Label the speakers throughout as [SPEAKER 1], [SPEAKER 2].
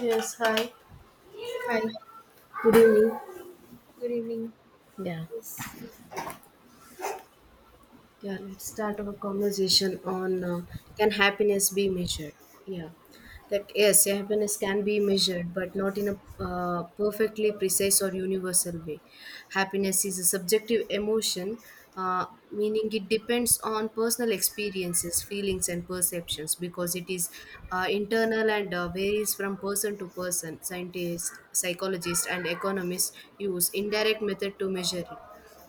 [SPEAKER 1] Yes, hi.
[SPEAKER 2] Hi,
[SPEAKER 1] Good evening.
[SPEAKER 2] good evening.
[SPEAKER 1] Yeah,
[SPEAKER 2] Yes.
[SPEAKER 1] yeah. Let's start our conversation on can happiness be measured? Yeah, that yes, yeah, happiness can be measured, but not in a perfectly precise or universal way. Happiness is a subjective emotion, meaning it depends on personal experiences, feelings, and perceptions because it is internal and varies from person to person. Scientists, psychologists, and economists use indirect method to measure it.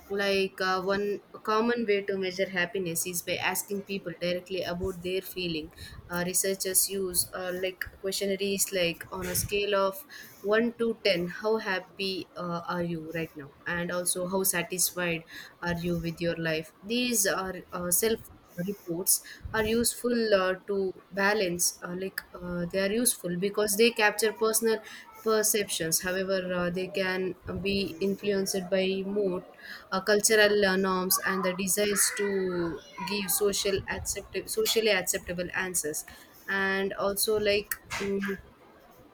[SPEAKER 1] Like one common way to measure happiness is by asking people directly about their feeling. Researchers use like questionnaires like on a scale of one to ten, how happy are you right now, and also how satisfied are you with your life. These are self reports are useful to balance like they are useful because they capture personal perceptions. However, they can be influenced by mood, cultural norms and the desires to give socially acceptable answers, and also like mm,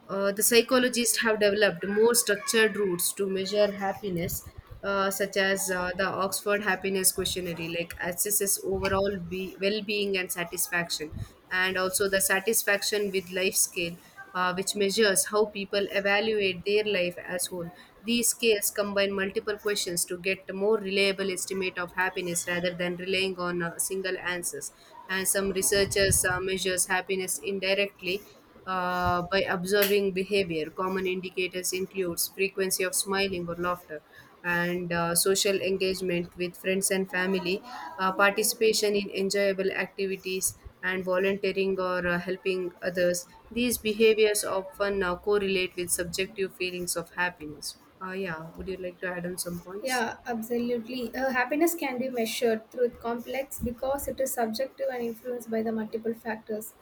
[SPEAKER 1] the psychologists have developed more structured routes to measure happiness, such as the Oxford Happiness Questionnaire, like assesses overall well-being and satisfaction, and also the satisfaction with life scale, which measures how people evaluate their life as whole. These scales combine multiple questions to get a more reliable estimate of happiness rather than relying on single answers. And some researchers measures happiness indirectly by observing behavior. Common indicators includes frequency of smiling or laughter, and social engagement with friends and family, participation in enjoyable activities, and volunteering or helping others. These behaviors often correlate with subjective feelings of happiness. Yeah, would you like to add on some points?
[SPEAKER 2] Yeah, absolutely. Happiness can be measured through complex because it is subjective and influenced by the multiple factors.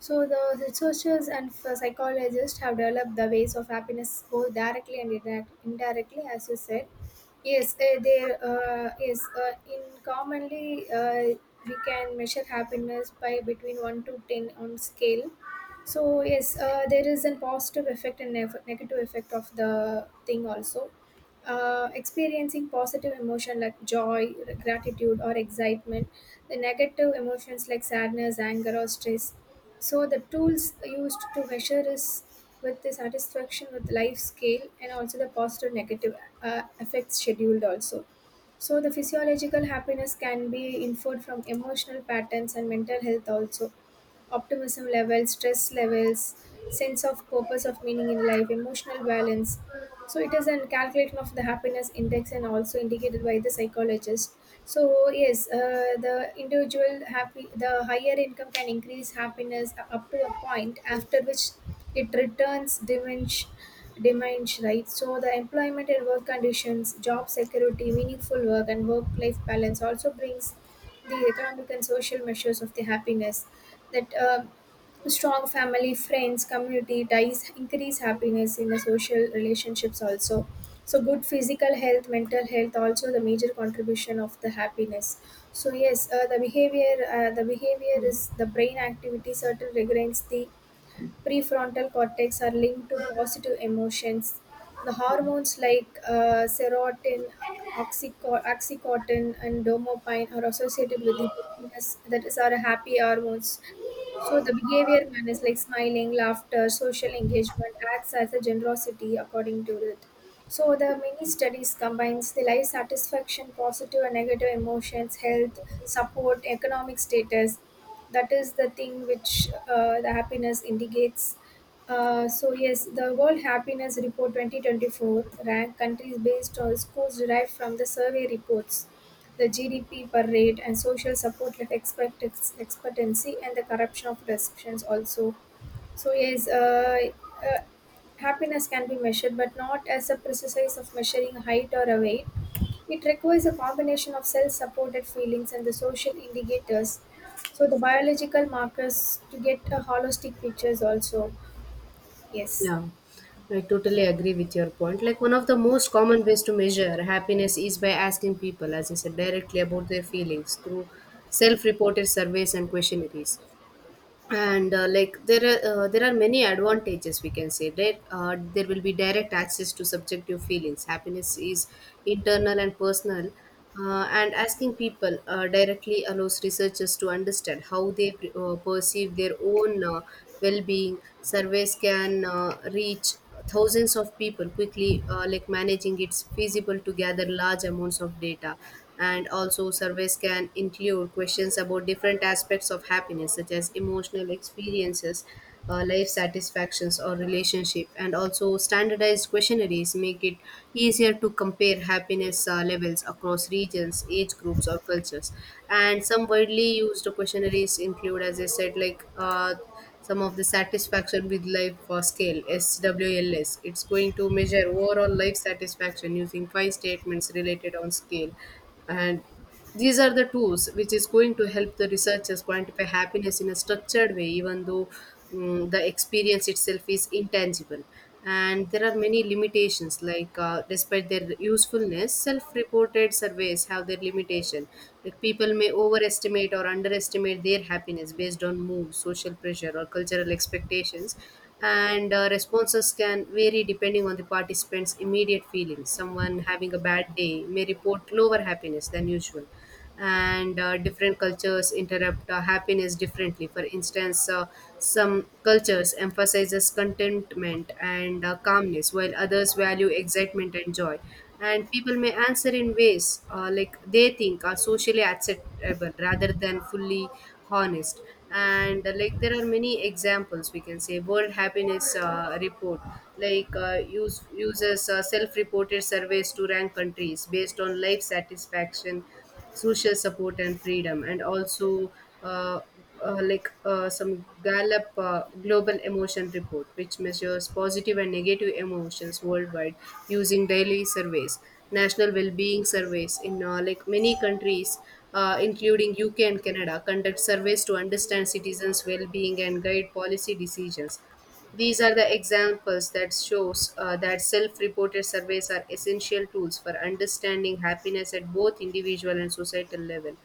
[SPEAKER 2] So the researchers and psychologists have developed the ways of happiness both directly and indirectly, as you said. Yes, there is in commonly we can measure happiness by between one to ten on scale. So yes, there is a positive effect and negative effect of the thing also. Experiencing positive emotion like joy, gratitude, or excitement, the negative emotions like sadness, anger, or stress. So the tools used to measure is with the satisfaction with life scale and also the positive negative affects scheduled also. So the physiological happiness can be inferred from emotional patterns and mental health also optimism levels, stress levels, sense of purpose of meaning in life, emotional balance. So it is a calculation of the happiness index and also indicated by the psychologist. So yes, the individual happy, the higher income can increase happiness up to a point after which it returns diminished demands, right? So the employment and work conditions, job security, meaningful work, and work-life balance also brings the economic and social measures of the happiness that strong family friends community ties increase happiness in the social relationships also. So good physical health mental health also the major contribution of the happiness. So yes, the behavior is the brain activity certain regulates the prefrontal cortex are linked to positive emotions. The hormones like serotonin, oxycotton, and dopamine are associated with the happiness, that is, our happy hormones. So the behavior manners like smiling, laughter, social engagement acts as a generosity according to it. So the many studies combines the life satisfaction, positive and negative emotions, health, support, economic status, that is the thing which the happiness indicates. So yes, the world happiness report 2024 ranked countries based on scores derived from the survey reports, the gdp per rate and social support like expectancy and the corruption of perceptions also. So yes uh, uh, happiness can be measured but not as a precise of measuring height or a weight. It requires a combination of self supported feelings and the social indicators. So, the biological markers to get a holistic pictures also. Yes.
[SPEAKER 1] Yeah, I totally agree with your point. Like, one of the most common ways to measure happiness is by asking people, as I said, directly about their feelings through self reported surveys and questionnaires. And like there are many advantages, we can say that there will be direct access to subjective feelings. Happiness is internal and personal, and asking people directly allows researchers to understand how they perceive their own well-being. Surveys can reach thousands of people quickly, like managing it's feasible to gather large amounts of data. And also surveys can include questions about different aspects of happiness, such as emotional experiences, life satisfactions or relationship. And also standardized questionnaires make it easier to compare happiness levels across regions, age groups or cultures. And some widely used questionnaires include, as I said, like some of the satisfaction with life scale, SWLS. It's going to measure overall life satisfaction using five statements related on scale. And these are the tools which is going to help the researchers quantify happiness in a structured way, even though the experience itself is intangible. And there are many limitations, like despite their usefulness, self-reported surveys have their limitation, like people may overestimate or underestimate their happiness based on mood, social pressure or cultural expectations. And responses can vary depending on the participant's immediate feelings. Someone having a bad day may report lower happiness than usual. And different cultures interrupt happiness differently. For instance, some cultures emphasizes contentment and calmness, while others value excitement and joy. And people may answer in ways like they think are socially acceptable rather than fully honest. And like there are many examples, we can say world happiness report, like uses self-reported surveys to rank countries based on life satisfaction, social support and freedom. And also uh, like some Gallup global emotion report, which measures positive and negative emotions worldwide using daily surveys. National well-being surveys in like many countries including UK and Canada conduct surveys to understand citizens well-being and guide policy decisions. These are the examples that shows that self-reported surveys are essential tools for understanding happiness at both individual and societal level.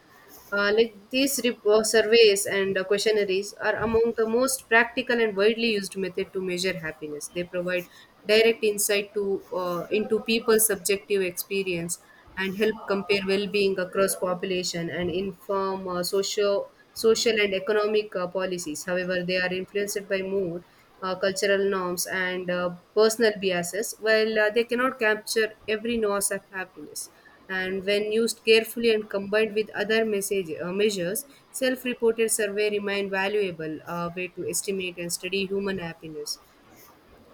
[SPEAKER 1] Like these surveys and questionnaires are among the most practical and widely used method to measure happiness. They provide direct insight to into people's subjective experience and help compare well-being across population and inform socio social and economic policies. However, they are influenced by mood, cultural norms, and personal biases, while they cannot capture every nuance of happiness. And when used carefully and combined with other measures, self reported survey remain valuable way to estimate and study human happiness.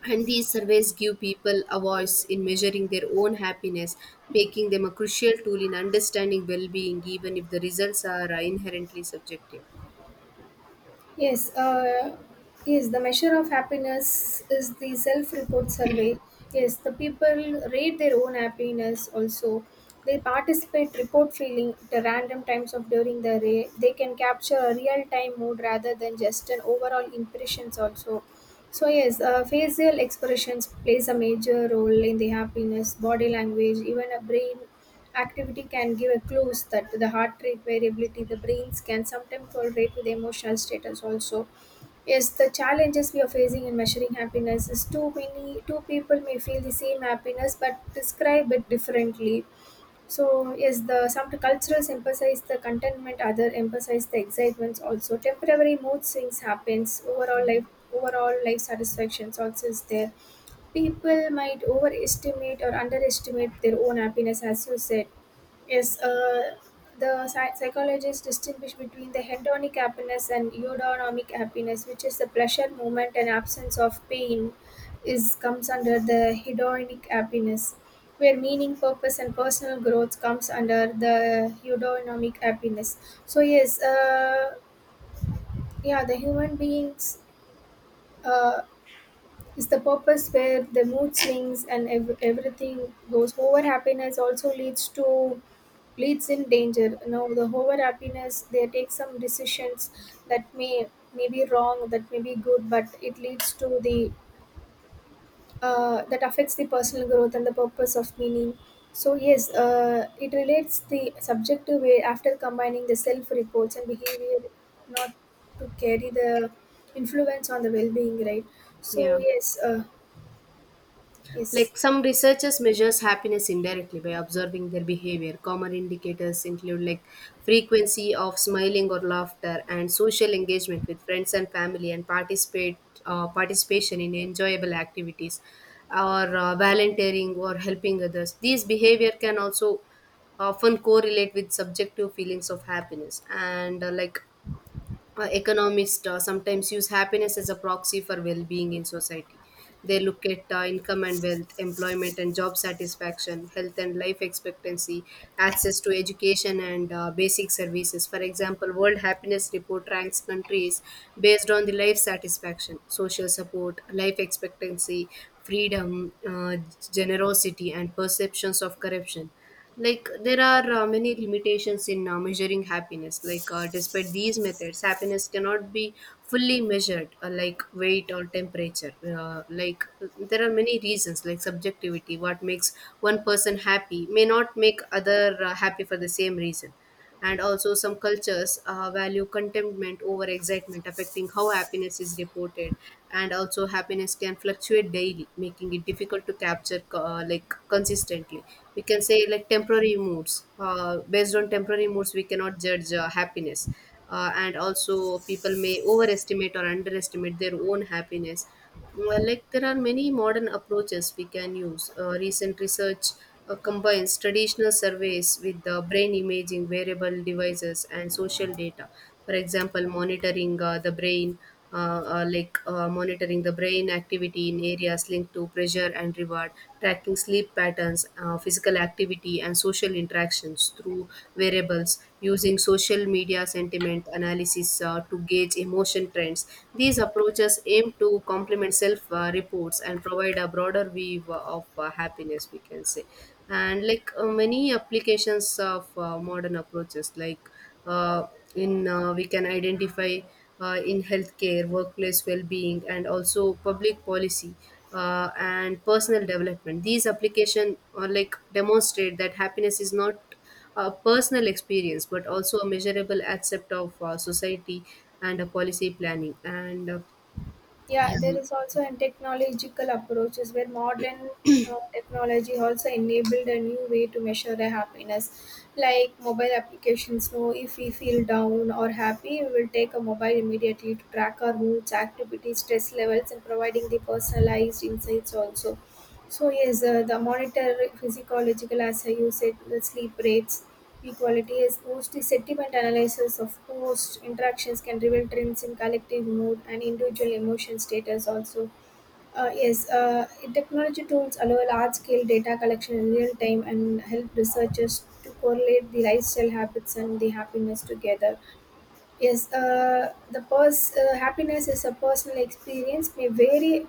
[SPEAKER 1] And these surveys give people a voice in measuring their own happiness, making them a crucial tool in understanding well being, even if the results are inherently subjective.
[SPEAKER 2] Yes, yes, the measure of happiness is the self report survey. Yes, the people rate their own happiness also. They participate report feeling at the random times of during the day. They can capture a real time mood rather than just an overall impressions also. So yes, facial expressions plays a major role in the happiness, body language, even a brain activity can give a clues that the heart rate variability the brains can sometimes correlate with emotional status also. Yes, the challenges we are facing in measuring happiness is too many two people may feel the same happiness but describe it differently. So yes, the some cultures emphasize the contentment, other emphasize the excitements also. Temporary mood swings happens, overall life satisfactions also is there. People might overestimate or underestimate their own happiness as you said. Yes, psychologists distinguish between the hedonic happiness and eudaimonic happiness, which is the pleasure moment and absence of pain, is comes under the hedonic happiness, where meaning, purpose, and personal growth comes under the eudaimonic happiness. So yes, yeah, the human beings. Uh, is the purpose where the mood swings and everything goes over happiness also leads to leads in danger. Now the over happiness they take some decisions that may be wrong, that may be good, but it leads to the that affects the personal growth and the purpose of meaning. So yes, it relates the subjective way after combining the self reports and behavior, not to carry the influence on the well-being, right? so
[SPEAKER 1] Yeah.
[SPEAKER 2] yes uh, yes
[SPEAKER 1] Like some researchers measures happiness indirectly by observing their behavior. Common indicators include like frequency of smiling or laughter and social engagement with friends and family and participate participation in enjoyable activities or volunteering or helping others. These behavior can also often correlate with subjective feelings of happiness. And like economists sometimes use happiness as a proxy for well-being in society. They look at income and wealth, employment and job satisfaction, health and life expectancy, access to education and basic services. For example, World Happiness Report ranks countries based on the life satisfaction, social support, life expectancy, freedom, generosity, and perceptions of corruption. Like there are many limitations in measuring happiness, like despite these methods happiness cannot be fully measured, like weight or temperature. Like there are many reasons, like subjectivity. What makes one person happy may not make other happy for the same reason. And also some cultures value contentment over excitement, affecting how happiness is reported. And also happiness can fluctuate daily, making it difficult to capture like consistently. We can say like temporary moods, based on temporary moods we cannot judge happiness. And also people may overestimate or underestimate their own happiness. Well, like there are many modern approaches we can use. Recent research combines traditional surveys with the brain imaging, wearable devices and social data. For example, monitoring the brain monitoring the brain activity in areas linked to pressure and reward, tracking sleep patterns, physical activity and social interactions through variables, using social media sentiment analysis to gauge emotion trends. These approaches aim to complement self reports and provide a broader view of happiness, we can say. And like many applications of modern approaches, like uh, in we can identify in healthcare, workplace well-being, and also public policy, and personal development. These application like demonstrate that happiness is not a personal experience but also a measurable aspect of society and a policy planning and
[SPEAKER 2] Yeah, there
[SPEAKER 1] yeah.
[SPEAKER 2] is also in technological approaches where modern technology also enabled a new way to measure the happiness. Like mobile applications know if we feel down or happy, we will take a mobile immediately to track our moods, activities, stress levels, and providing the personalized insights also. So yes, the monitor physiological, as you said, the sleep rates, equality is post-sentiment analysis of post interactions can reveal trends in collective mood and individual emotion status also. Yes, technology tools allow large-scale data collection in real time and help researchers to correlate the lifestyle habits and the happiness together. Yes, happiness is a personal experience may vary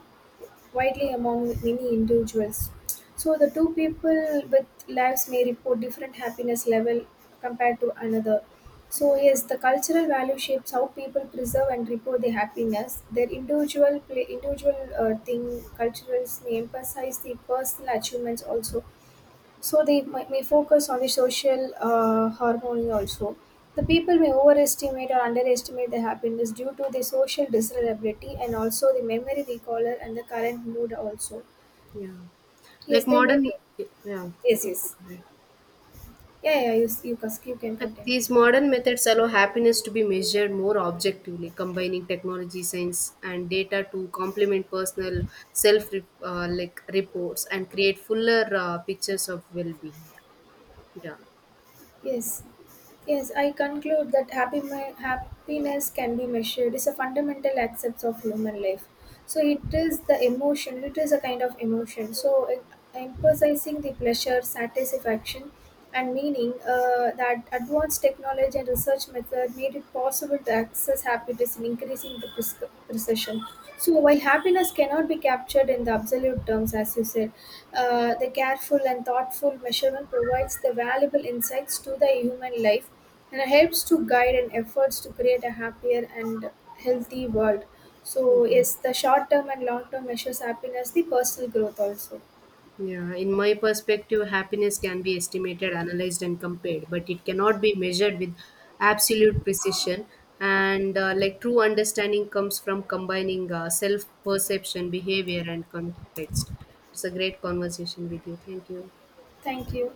[SPEAKER 2] widely among many individuals. So the two people with lives may report different happiness level compared to another. So yes, the cultural value shapes how people preserve and report their happiness. Their individual play, individual thing culturals may emphasize the personal achievements also. So they may focus on the social harmony also. The people may overestimate or underestimate their happiness due to the social desirability and also the memory recaller and the current mood also.
[SPEAKER 1] Yeah. Like
[SPEAKER 2] Yes, they may
[SPEAKER 1] modern,
[SPEAKER 2] be.
[SPEAKER 1] yeah,
[SPEAKER 2] Yes,
[SPEAKER 1] you can
[SPEAKER 2] yes.
[SPEAKER 1] go ahead.
[SPEAKER 2] Yeah, yeah. You can
[SPEAKER 1] Like
[SPEAKER 2] continue.
[SPEAKER 1] these modern methods allow happiness to be measured more objectively, combining technology, science, and data to complement personal self like reports and create fuller pictures of well-being. Yeah.
[SPEAKER 2] Yes. Yes, I conclude that happy happiness can be measured. It's a fundamental aspect of human life. So it is the emotion. It is a kind of emotion. Emphasizing the pleasure, satisfaction, and meaning that advanced technology and research method made it possible to access happiness in increasing the precision. So while happiness cannot be captured in the absolute terms, as you said, the careful and thoughtful measurement provides the valuable insights to the human life and it helps to guide and efforts to create a happier and healthy world. So
[SPEAKER 1] Yeah.
[SPEAKER 2] yes, the short term and long term measures happiness the personal growth also.
[SPEAKER 1] Yeah, in my perspective, happiness can be estimated, analyzed, and compared, but it cannot be measured with absolute precision. And like true understanding comes from combining self perception, behavior, and context. It's a great conversation with you. Thank you.
[SPEAKER 2] Thank you.